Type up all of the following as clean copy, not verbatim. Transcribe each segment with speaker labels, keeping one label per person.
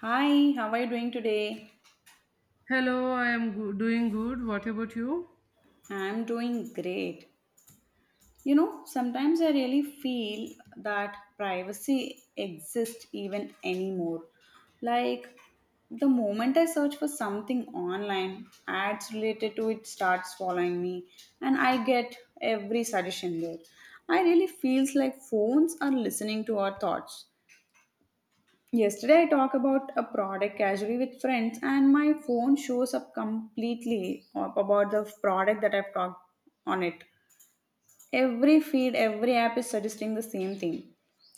Speaker 1: Hi, how are you doing today?
Speaker 2: Hello, doing good. What about you?
Speaker 1: I'm doing great. You know, sometimes I really feel that privacy exists even anymore. Like, the moment I search for something online, ads related to it starts following me, and I get every suggestion there. I really feels like phones are listening to our thoughts. Yesterday, I talked about a product casually with friends, and my phone shows up completely up about the product that I've talked on it. Every feed, every app is suggesting the same thing.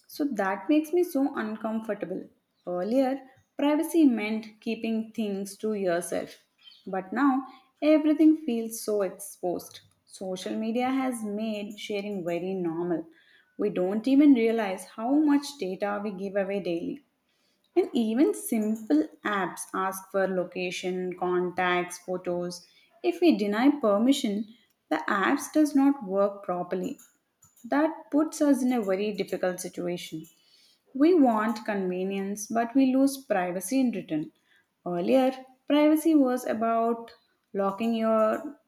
Speaker 1: So that makes me so uncomfortable. Earlier, privacy meant keeping things to yourself, but now everything feels so exposed. Social media has made sharing very normal. We don't even realize how much data we give away daily. And even simple apps ask for location, contacts, photos. If we deny permission, the apps does not work properly. That puts us in a very difficult situation. We want convenience, but we lose privacy in return. Earlier, privacy was about locking your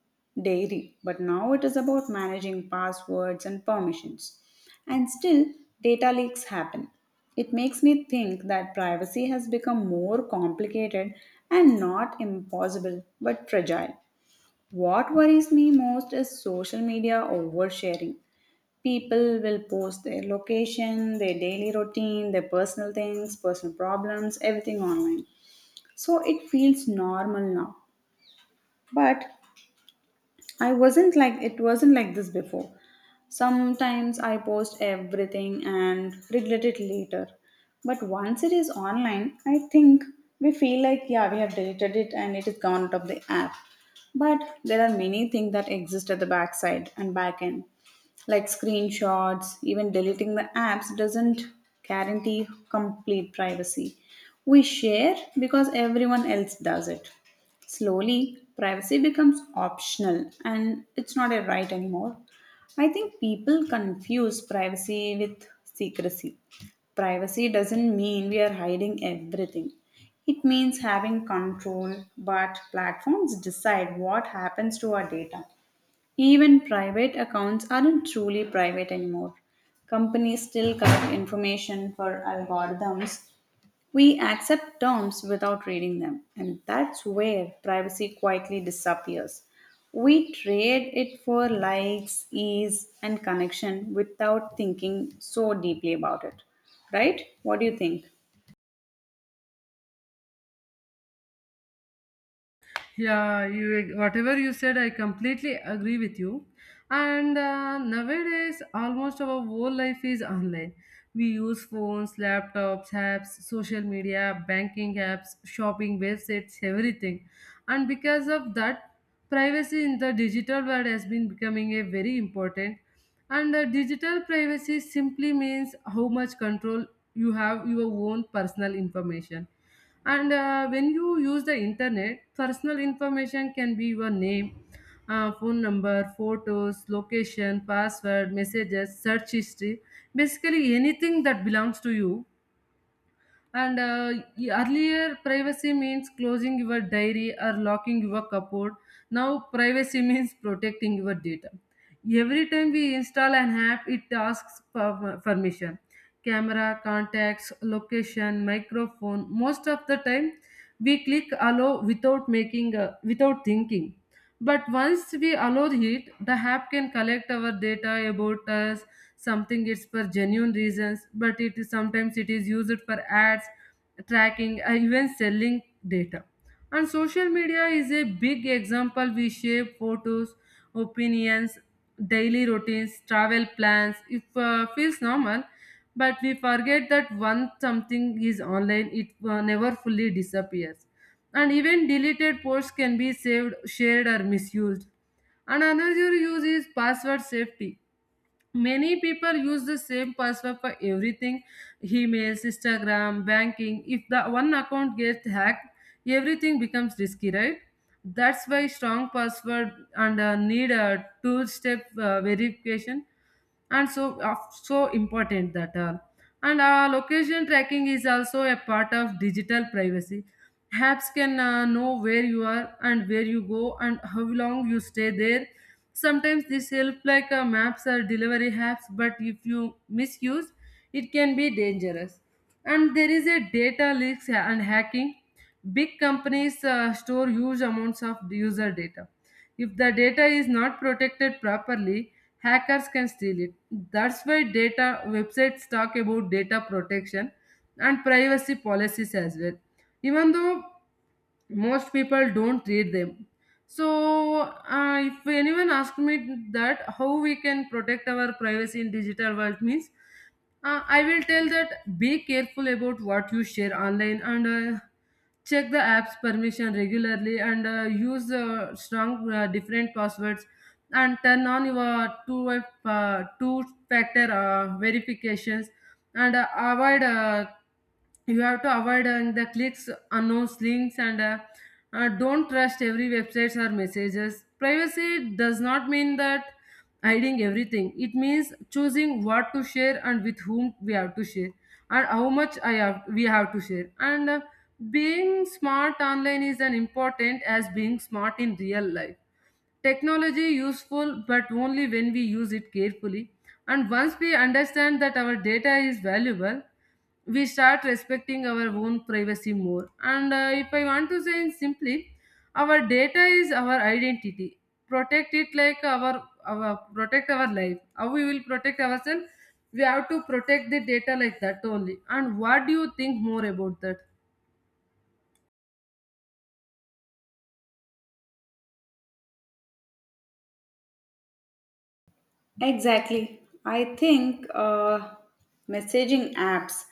Speaker 1: diary, but now it is about managing passwords and permissions. And still, data leaks happen. It makes me think that privacy has become more complicated and not impossible but fragile. What worries me most is social media oversharing. People will post their location, their daily routine, their personal things, personal problems, everything online. So it feels normal now. But I wasn't like it wasn't like this before. Sometimes I post everything and regret it later. But once it is online, I think we feel like, yeah, we have deleted it and it is gone out of the app. But there are many things that exist at the backside and back end, like screenshots, even deleting the apps doesn't guarantee complete privacy. We share because everyone else does it. Slowly, privacy becomes optional and it's not a right anymore. I think people confuse privacy with secrecy. Privacy doesn't mean we are hiding everything. It means having control, but platforms decide what happens to our data. Even private accounts aren't truly private anymore. Companies still collect information for algorithms, we accept terms without reading them, and that's where privacy quietly disappears. We trade it for likes, ease, and connection without thinking so deeply about it. Right? What do you think?
Speaker 2: Yeah, you whatever you said, I completely agree with you. And nowadays, almost our whole life is online. We use phones, laptops, apps, social media, banking apps, shopping websites, everything. And because of that, privacy in the digital world has been becoming a very important and the digital privacy simply means how much control you have your own personal information. And when you use the internet, personal information can be your name, phone number, photos, location, password, messages, search history, basically anything that belongs to you. Earlier, privacy means closing your diary or locking your cupboard. Now, privacy means protecting your data. Every time we install an app, it asks for permission. Camera, contacts, location, microphone. Most of the time, we click allow without thinking, but once we allow it, the app can collect our data about us, something it's for genuine reasons, but it is sometimes it is used for ads tracking and even selling data. And social media is a big example. We shape photos, opinions, daily routines, travel plans, if feels normal, but we forget that once something is online, it never fully disappears. And even deleted posts can be saved, shared, or misused. And another use is password safety. Many people use the same password for everything, emails, Instagram, banking. If the one account gets hacked, everything becomes risky, right? That's why strong password and need a two step verification and so important that all. And location tracking is also a part of digital privacy. Apps can know where you are and where you go and how long you stay there. Sometimes this help like maps or delivery apps, but if you misuse, it can be dangerous. And there is a data leaks and hacking. Big companies store huge amounts of user data. If the data is not protected properly, hackers can steal it. That's why data websites talk about data protection and privacy policies as well. Even though most people don't read them. So, if anyone asks me that how we can protect our privacy in digital world means, I will tell that be careful about what you share online, and check the app's permission regularly, and use strong different passwords, and turn on your two factor verifications, and avoid you have to avoid the clicks unknowns links, and don't trust every websites or messages. Privacy does not mean that hiding everything. It means choosing what to share and with whom we have to share, and how much I have we have to share. And being smart online is as important as being smart in real life. Technology useful but only when we use it carefully, and once we understand that our data is valuable, we start respecting our own privacy more, and if I want to say in simply, our data is our identity. Protect it like our protect our life, how we will protect ourselves, we have to protect the data like that only. And what do you think more about that?
Speaker 1: Exactly. I think messaging apps,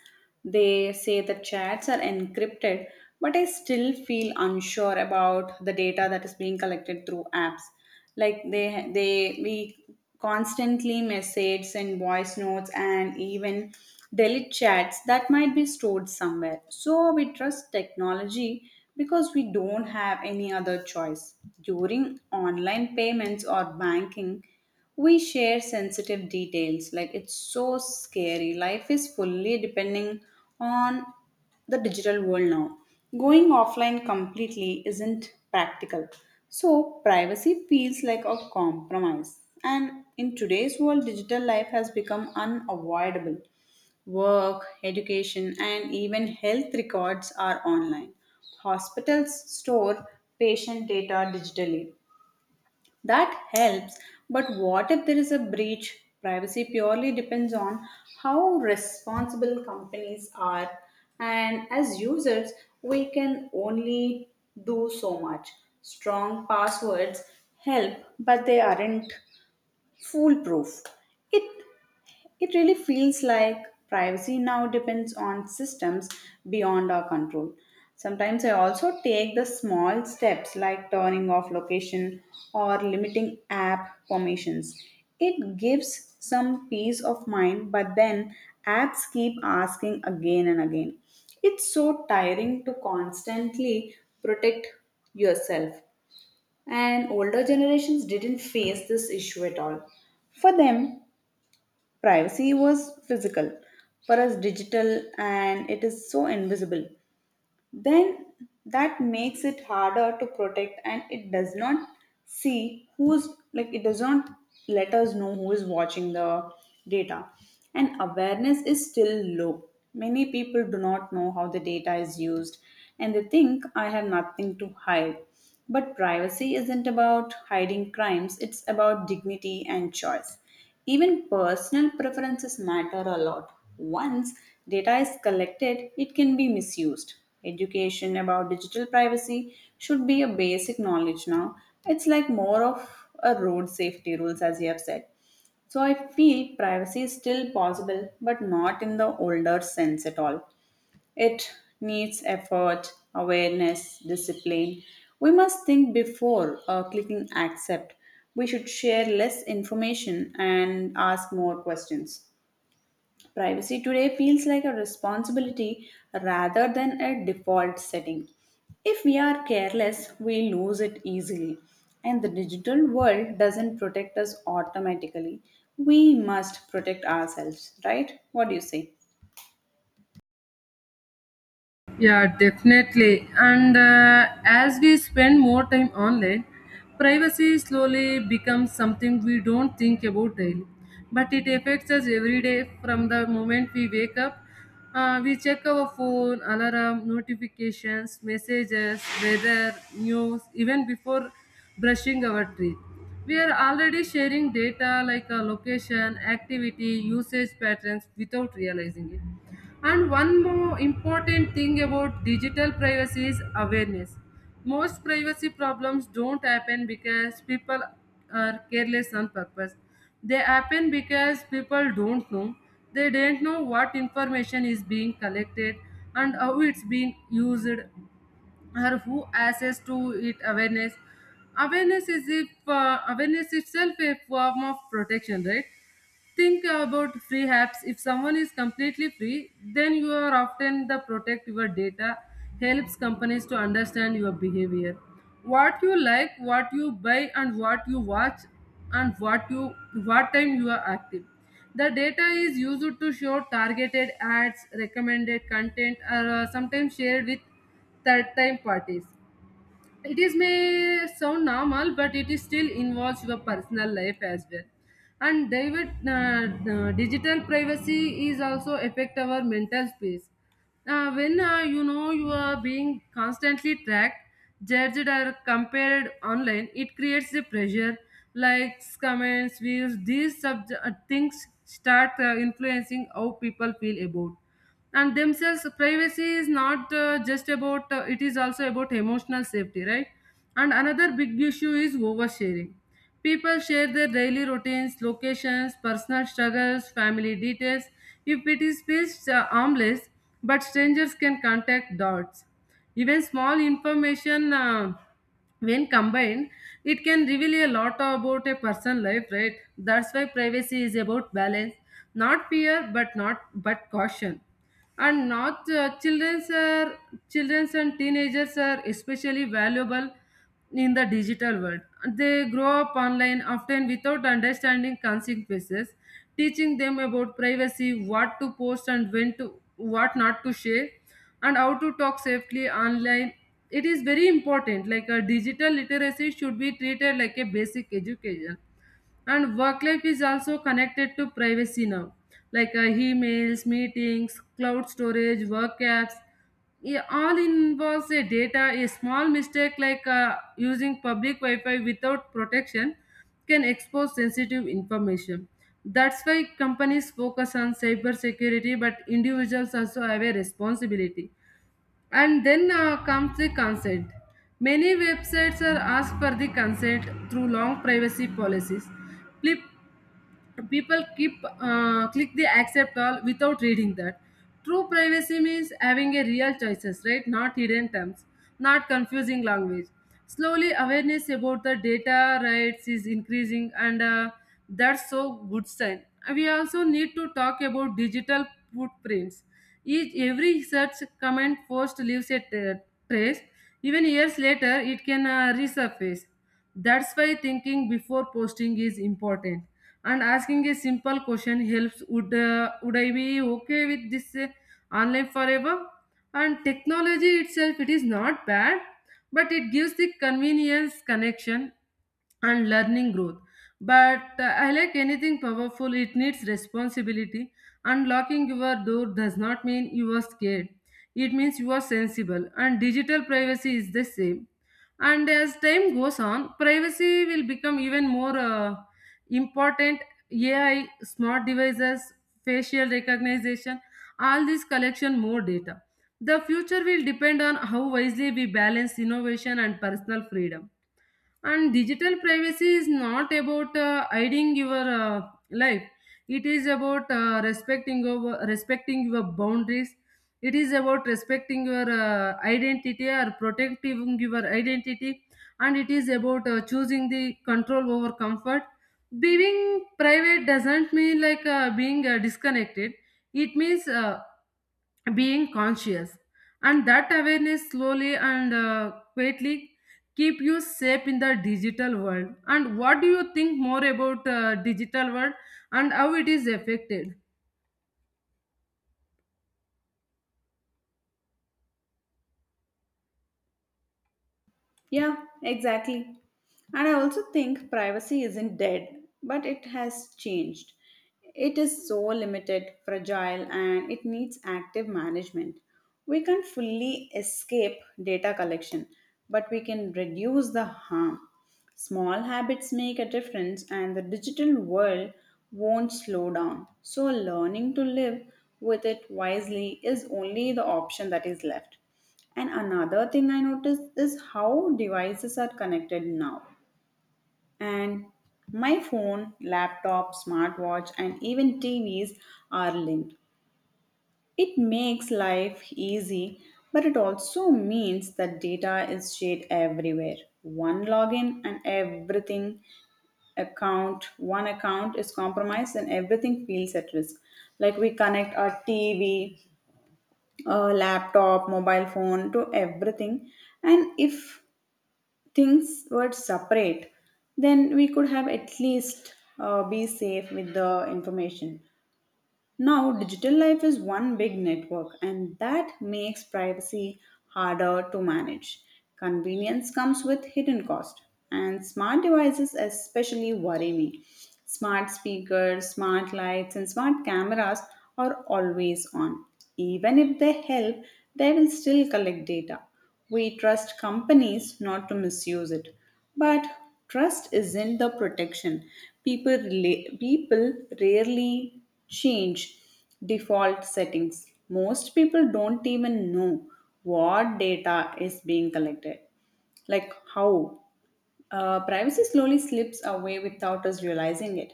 Speaker 1: they say the chats are encrypted, but I still feel unsure about the data that is being collected through apps. Like they we constantly message, send voice notes, and even delete chats that might be stored somewhere. So we trust technology because we don't have any other choice. During online payments or banking, we share sensitive details like it's so scary life is fully depending on the digital world now, going offline completely isn't practical, so privacy feels like a compromise. And in today's world digital life has become unavoidable. Work, education, and even health records are online. Hospitals store patient data digitally, that helps, but what if there is a breach? Privacy purely depends on how responsible companies are, and as users, we can only do so much. Strong passwords help, but they aren't foolproof. It it really feels like privacy now depends on systems beyond our control. Sometimes I also take the small steps like turning off location or limiting app permissions. It gives some peace of mind, but then apps keep asking again and again. It's so tiring to constantly protect yourself. And older generations didn't face this issue at all. For them, privacy was physical, for us digital, and it is so invisible. Then that makes it harder to protect, and it does not see who's like, it does not let us know who is watching the data. And awareness is still low. Many people do not know how the data is used, and they think I have nothing to hide. But privacy isn't about hiding crimes, it's about dignity and choice. Even personal preferences matter a lot. Once data is collected, it can be misused. Education about digital privacy should be a basic knowledge now. It's like more of a road safety rules, as you have said. So I feel privacy is still possible, but not in the older sense at all. It needs effort, awareness, discipline. We must think before clicking accept. We should share less information and ask more questions. Privacy today feels like a responsibility rather than a default setting. If we are careless, we lose it easily. And the digital world doesn't protect us automatically. We must protect ourselves, right? What do you say?
Speaker 2: Yeah, definitely. And as we spend more time online, privacy slowly becomes something we don't think about daily. But it affects us every day from the moment we wake up. We check our phone, alarm, notifications, messages, weather, news, even before brushing our teeth. We are already sharing data like our location, activity, usage patterns without realizing it. And one more important thing about digital privacy is awareness. Most privacy problems don't happen because people are careless on purpose. They happen because people don't know. They don't know what information is being collected and how it's being used or who access to it awareness. Awareness is if awareness itself a form of protection, right? Think about free apps. If someone is completely free, then you are often the protect your data helps companies to understand your behavior. What you like, what you buy and what you watch and what time you are active. The data is used to show targeted ads, recommended content, or sometimes shared with third time parties. It is may sound normal but it is still involves your personal life as well. And david uh, the digital privacy is also affect our mental space. When you are being constantly tracked, judged, or compared online, it creates a pressure. Likes, comments, views, these things start influencing how people feel about and themselves. Privacy is not uh, just about uh, it is also about emotional safety, right? And another big issue is oversharing. People share their daily routines, locations, personal struggles, family details. If it is feels uh, harmless, but strangers can contact dots. Even small information, when combined, it can reveal a lot about a person's life, right? That's why privacy is about balance. Not fear, but not but caution. And not uh, children's are children's and teenagers are especially valuable in the digital world. They grow up online often without understanding consequences. Teaching them about privacy, what to post and when to what not to share, and how to talk safely online. It is very important. Like a digital literacy should be treated like a basic education. And work life is also connected to privacy now, like emails, meetings, cloud storage, work apps, yeah, all involves a data. A small mistake like using public wi-fi without protection can expose sensitive information. That's why companies focus on cyber security, but individuals also have a responsibility. And then comes the consent. Many websites are asked for the consent through long privacy policies. Pli- people keep click the accept all without reading that. True privacy means having a real choices, right? Not hidden terms, not confusing language. Slowly awareness about the data rights is increasing, and that's so good sign. We also need to talk about digital footprints. Each every search, comment, post leaves a trace. Even years later it can resurface. That's why thinking before posting is important. And asking a simple question helps. Would I be okay with this online forever? And technology itself, it is not bad, but it gives the convenience, connection, and learning growth. But I like anything powerful, it needs responsibility. Unlocking your door does not mean you are scared, it means you are sensible, and digital privacy is the same. And as time goes on, privacy will become even more important. AI, smart devices, facial recognition, all these collection more data. The future will depend on how wisely we balance innovation and personal freedom. And digital privacy is not about hiding your life, it is about respecting your boundaries. It is about respecting your identity or protecting your identity. And it is about choosing the control over comfort. Being private doesn't mean like being disconnected. It means being conscious, and that awareness slowly and quietly keep you safe in the digital world. And what do you think more about digital world and how it is affected?
Speaker 1: Yeah, exactly. And I also think privacy isn't dead, but it has changed. It is so limited, fragile, and it needs active management. We can't fully escape data collection, but we can reduce the harm. Small habits make a difference, and the digital world won't slow down. So, learning to live with it wisely is only the option that is left. And another thing I noticed is how devices are connected now. And my phone, laptop, smartwatch, and even TVs are linked. It makes life easy, but it also means that data is shared everywhere. One login and one account is compromised and everything feels at risk. Like we connect our TV, laptop, mobile phone to everything. And if things were separate, then we could have at least be safe with the information. Now, digital life is one big network, and that makes privacy harder to manage. Convenience comes with hidden cost, and smart devices especially worry me. Smart speakers, smart lights, and smart cameras are always on. Even if they help, they will still collect data. We trust companies not to misuse it. But trust isn't the protection. People rarely change default settings. Most people don't even know what data is being collected. Like how privacy slowly slips away without us realizing it.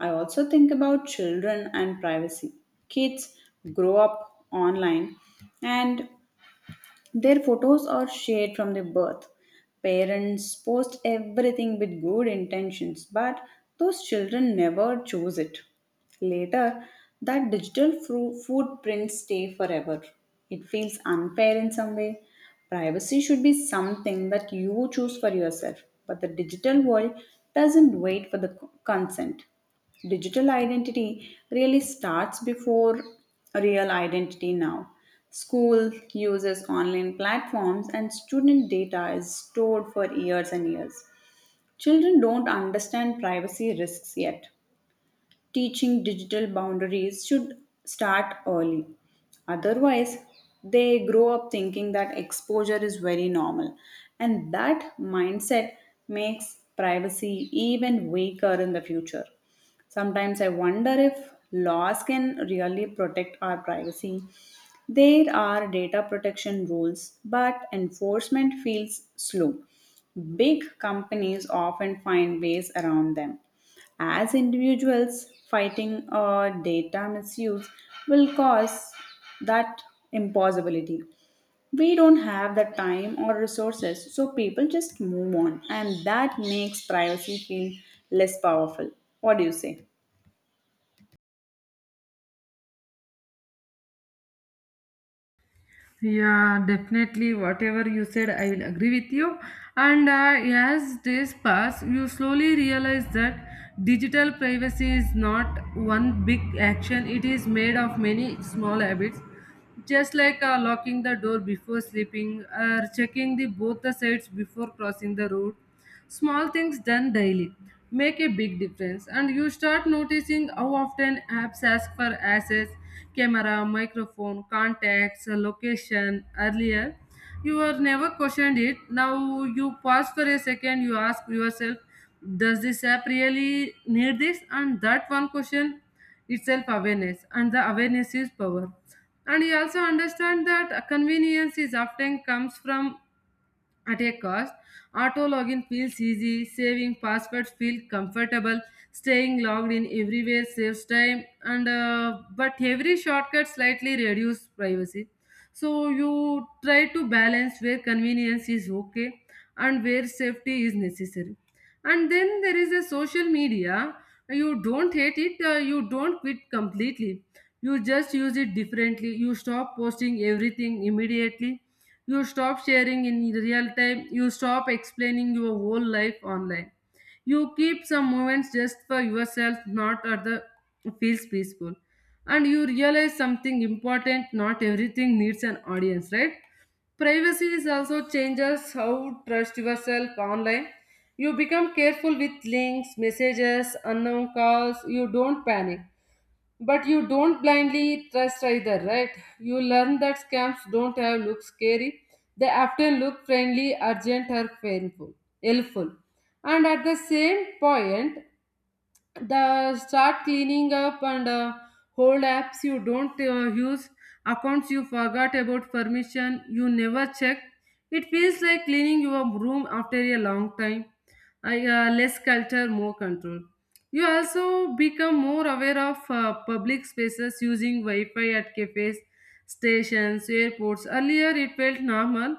Speaker 1: I also think about children and privacy. Kids grow up online and their photos are shared from their birth. Parents post everything with good intentions, but those children never choose it. Later, that footprints stay forever. It feels unfair in some way. Privacy should be something that you choose for yourself, but the digital world doesn't wait for the consent. Digital identity really starts before real identity now. School uses online platforms and student data is stored for years and years. Children don't understand privacy risks yet. Teaching digital boundaries should start early. Otherwise, they grow up thinking that exposure is very normal, and that mindset makes privacy even weaker in the future. Sometimes I wonder if laws can really protect our privacy. There are data protection rules, but enforcement feels slow. Big companies often find ways around them. As individuals, fighting data misuse will cause that impossibility. We don't have the time or resources, so people just move on, and that makes privacy feel less powerful. What do you say?
Speaker 2: Yeah, definitely, whatever you said, I will agree with you. And as days pass, you slowly realize that digital privacy is not one big action, it is made of many small habits. Just like locking the door before sleeping or checking the both the sides before crossing the road, small things done daily make a big difference. And you start noticing how often apps ask for access, camera, microphone, contacts, location. Earlier you were never questioned it, now you pause for a second, you ask yourself, does this app really need this? And that one question itself awareness, and the awareness is power. And you also understand that convenience is often comes from at a cost. Auto login feels easy, saving passwords feel comfortable, staying logged in everywhere saves time, and but every shortcut slightly reduces privacy. So you try to balance where convenience is okay and where safety is necessary. And then there is a social media. You don't hate it. You don't quit completely. You just use it differently. You stop posting everything immediately, you stop sharing in real time, you stop explaining your whole life online. You keep some moments just for yourself, not other feels peaceful. And you realize something important, not everything needs an audience, right? Privacy is also changes how trust yourself online. You become careful with links, messages, unknown calls. You don't panic. But you don't blindly trust either, right? You learn that scams don't have look scary. They often look friendly, urgent, or painful, helpful. And at the same point, the start cleaning up and hold apps you don't use, accounts you forgot about, permission you never check. It feels like cleaning your room after a long time. Less culture, more control. You also become more aware of public spaces, using wi-fi at cafes, stations, airports. Earlier it felt normal,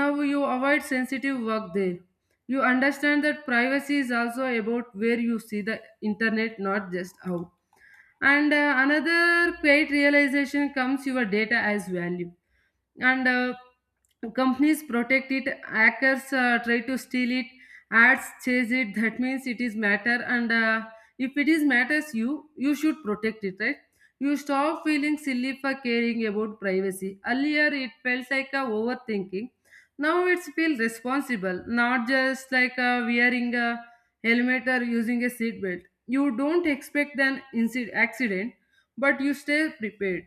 Speaker 2: now you avoid sensitive work there. You understand that privacy is also about where you see the internet, not just out. And Another quiet realization comes, your data as value. And Companies protect it, hackers try to steal it, ads chase it. That means it is matter. And If it is matters, you should protect it, right? You stop feeling silly for caring about privacy. Earlier it felt like a overthinking, now it's feel responsible. Not just like wearing a helmet or using a seatbelt. You don't expect an incident, accident, but you stay prepared.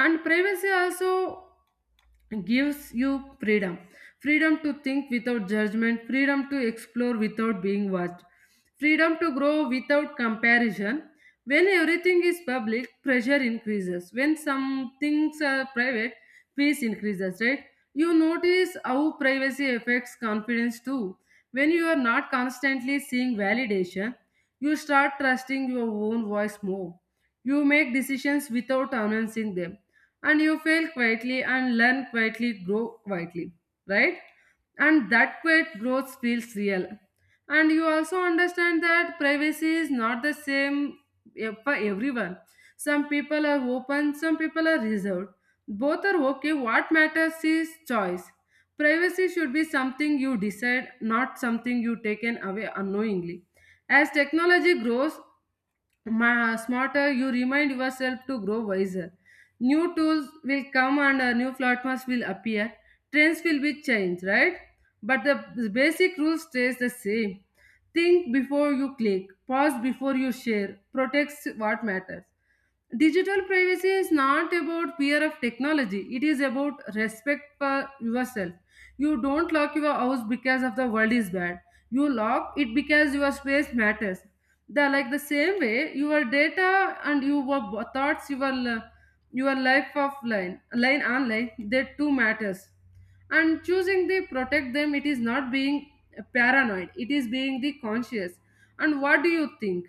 Speaker 2: And privacy also gives you freedom. Freedom to think without judgment, freedom to explore without being watched, freedom to grow without comparison. When everything is public, pressure increases. When some things are private, peace increases, right? You notice how privacy affects confidence too. When you are not constantly seeing validation, you start trusting your own voice more. You make decisions without announcing them, and you fail quietly and learn quietly, grow quietly, right? And that quiet growth feels real. And you also understand that privacy is not the same for everyone. Some people are open, some people are reserved. Both are okay. What matters is choice. Privacy should be something you decide, not something you taken away unknowingly. As technology grows smarter, you remind yourself to grow wiser. New tools will come, and new platforms will appear. Trends will be changed, right? But the basic rule stays the same. Think before you click, pause before you share, protects what matters. Digital privacy is not about fear of technology. It is about respect for yourself. You don't lock your house because of the world is bad. You lock it because your space matters. The like the same way your data and your thoughts, your life offline, line online, they too matters. And choosing the protect them, it is not being paranoid. It is being the conscious. And what do you think?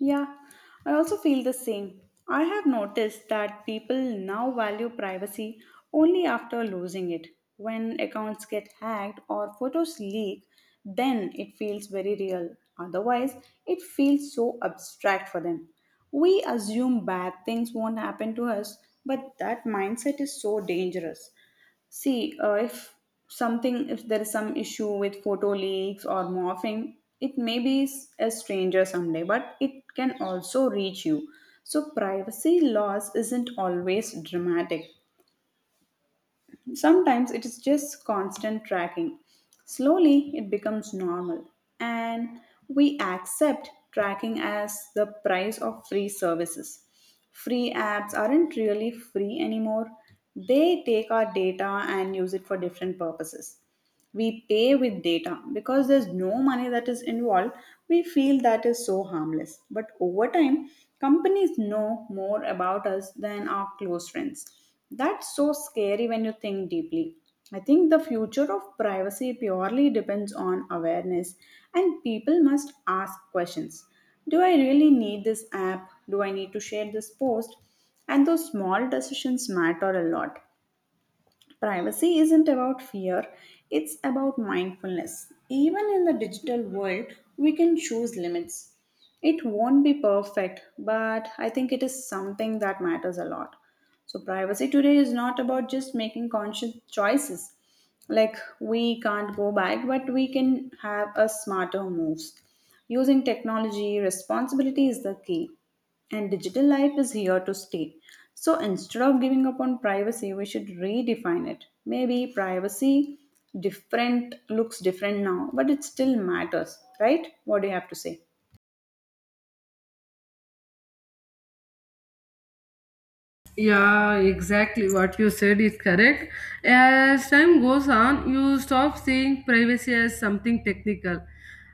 Speaker 1: Yeah, I also feel the same. I have noticed that people now value privacy only after losing it. When accounts get hacked or photos leak, then it feels very real. Otherwise, it feels so abstract for them. We assume bad things won't happen to us, but that mindset is so dangerous. See, if something, if there is some issue with photo leaks or morphing, it may be a stranger someday, but it can also reach you. So, privacy loss isn't always dramatic. Sometimes it is just constant tracking. Slowly, it becomes normal, and we accept tracking as the price of free services. Free apps aren't really free anymore, they take our data and use it for different purposes. We pay with data because there's no money that is involved. We feel that is so harmless, but over time companies know more about us than our close friends. That's so scary when you think deeply. I think the future of privacy purely depends on awareness, and people must ask questions. Do I really need this app? Do I need to share this post? And those small decisions matter a lot. Privacy isn't about fear, it's about mindfulness. Even in the digital world, we can choose limits. It won't be perfect, but I think it is something that matters a lot. So, privacy today is not about just making conscious choices. Like, we can't go back, but we can have a smarter moves. Using technology, responsibility is the key, and digital life is here to stay. So instead of giving up on privacy, we should redefine it. Maybe privacy different looks different now, but it still matters, right? What do you have to say?
Speaker 2: Yeah, exactly what you said is correct. As time goes on, you stop seeing privacy as something technical.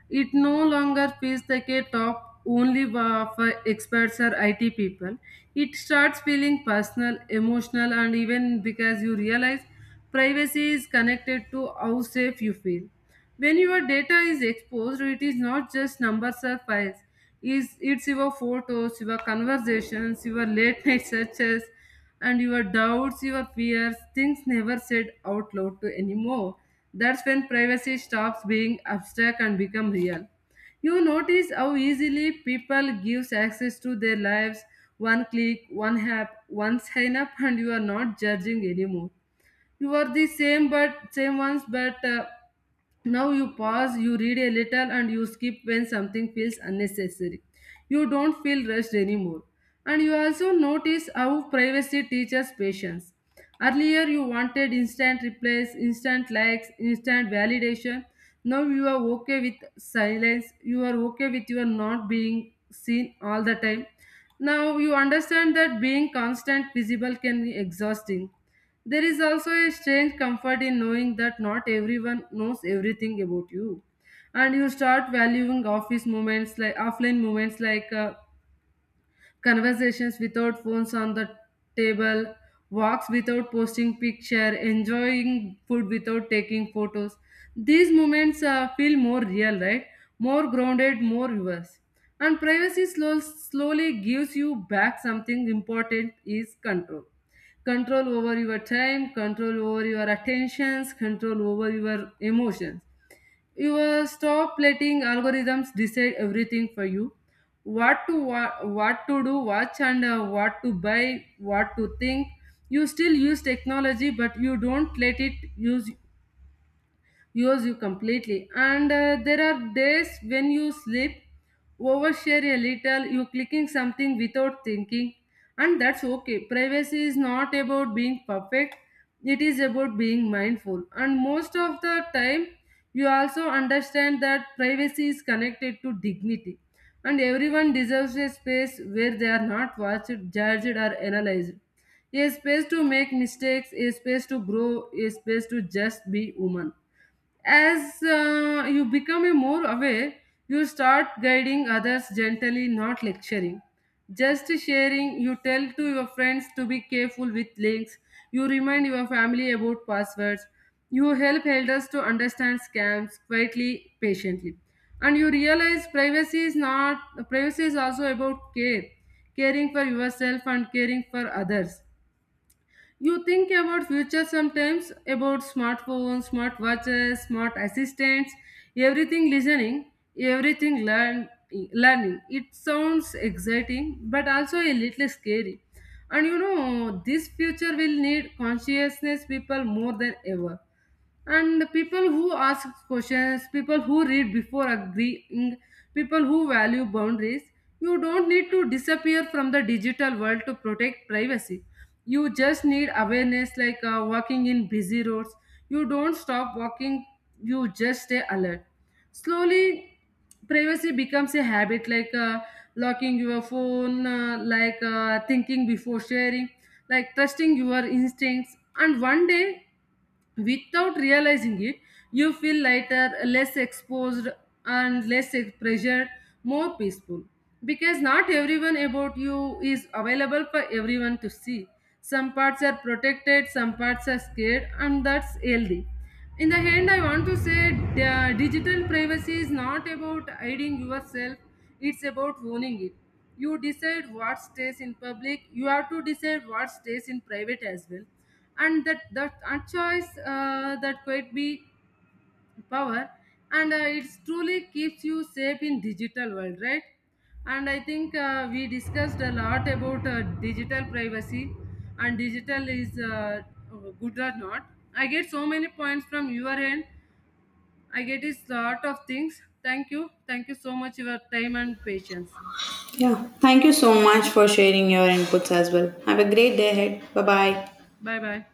Speaker 2: It no longer feels like a top only for experts or IT people. It starts feeling personal, emotional, and even because you realize privacy is connected to how safe you feel. When your data is exposed, it is not just numbers or files, is it's your photos, your conversations, your late night searches, and your doubts, your fears, things never said out loud to anymore. That's when privacy stops being abstract and become real. You notice how easily people gives access to their lives. One click, one app, one sign up, and you are not judging anymore. You are the same but same ones, but now you pause, you read a little, and you skip when something feels unnecessary. You don't feel rushed anymore. And you also notice how privacy teaches patience. Earlier, you wanted instant replies, instant likes, instant validation. Now you are okay with silence. You are okay with your not being seen all the time. Now you understand that being constant visible can be exhausting. There is also a strange comfort in knowing that not everyone knows everything about you. And you start valuing office moments, like offline moments, like conversations without phones on the table, walks without posting picture, enjoying food without taking photos. These moments feel more real, right? More grounded, more yours. And privacy slowly gives you back something important is control. Control over your time, control over your attentions, control over your emotions. You stop letting algorithms decide everything for you. What to what to do watch, and what to buy, what to think. You still use technology but you don't let it use yours you completely. And There are days when you sleep overshare a little, you clicking something without thinking, and that's okay. Privacy is not about being perfect, it is about being mindful. And most of the time you also understand that privacy is connected to dignity, and everyone deserves a space where they are not watched, judged or analyzed. A space to make mistakes, a space to grow, a space to just be human. As you become a more aware, you start guiding others gently, not lecturing. Just sharing, you tell to your friends to be careful with links, you remind your family about passwords, you help elders to understand scams quietly, patiently. And you realize privacy is not, privacy is also about care, caring for yourself and caring for others. You think about future sometimes, about smartphones, smart watches, smart assistants, everything listening, everything learning. It sounds exciting but also a little scary. And you know, this future will need consciousness people more than ever, and the people who ask questions, people who read before agreeing, people who value boundaries. You don't need to disappear from the digital world to protect privacy, you just need awareness. Like walking in busy roads, you don't stop walking, you just stay alert. Slowly privacy becomes a habit, like locking your phone, like thinking before sharing, like trusting your instincts. And one day, without realizing it, you feel lighter, less exposed, and less pressured, more peaceful. Because not everyone about you is available for everyone to see. Some parts are protected, some parts are scared, and that's healthy. In the end I want to say, digital privacy is not about hiding yourself, it's about owning it. You decide what stays in public, you have to decide what stays in private as well. And that a choice that could be power. And It truly keeps you safe in digital world, right? And I think we discussed a lot about digital privacy, and digital is good or not. I get so many points from your end, I get a lot of things. Thank you, thank you so much for your time and patience.
Speaker 1: Yeah, thank you so much for sharing your inputs as well. Have a great day ahead. Bye bye.
Speaker 2: Bye bye.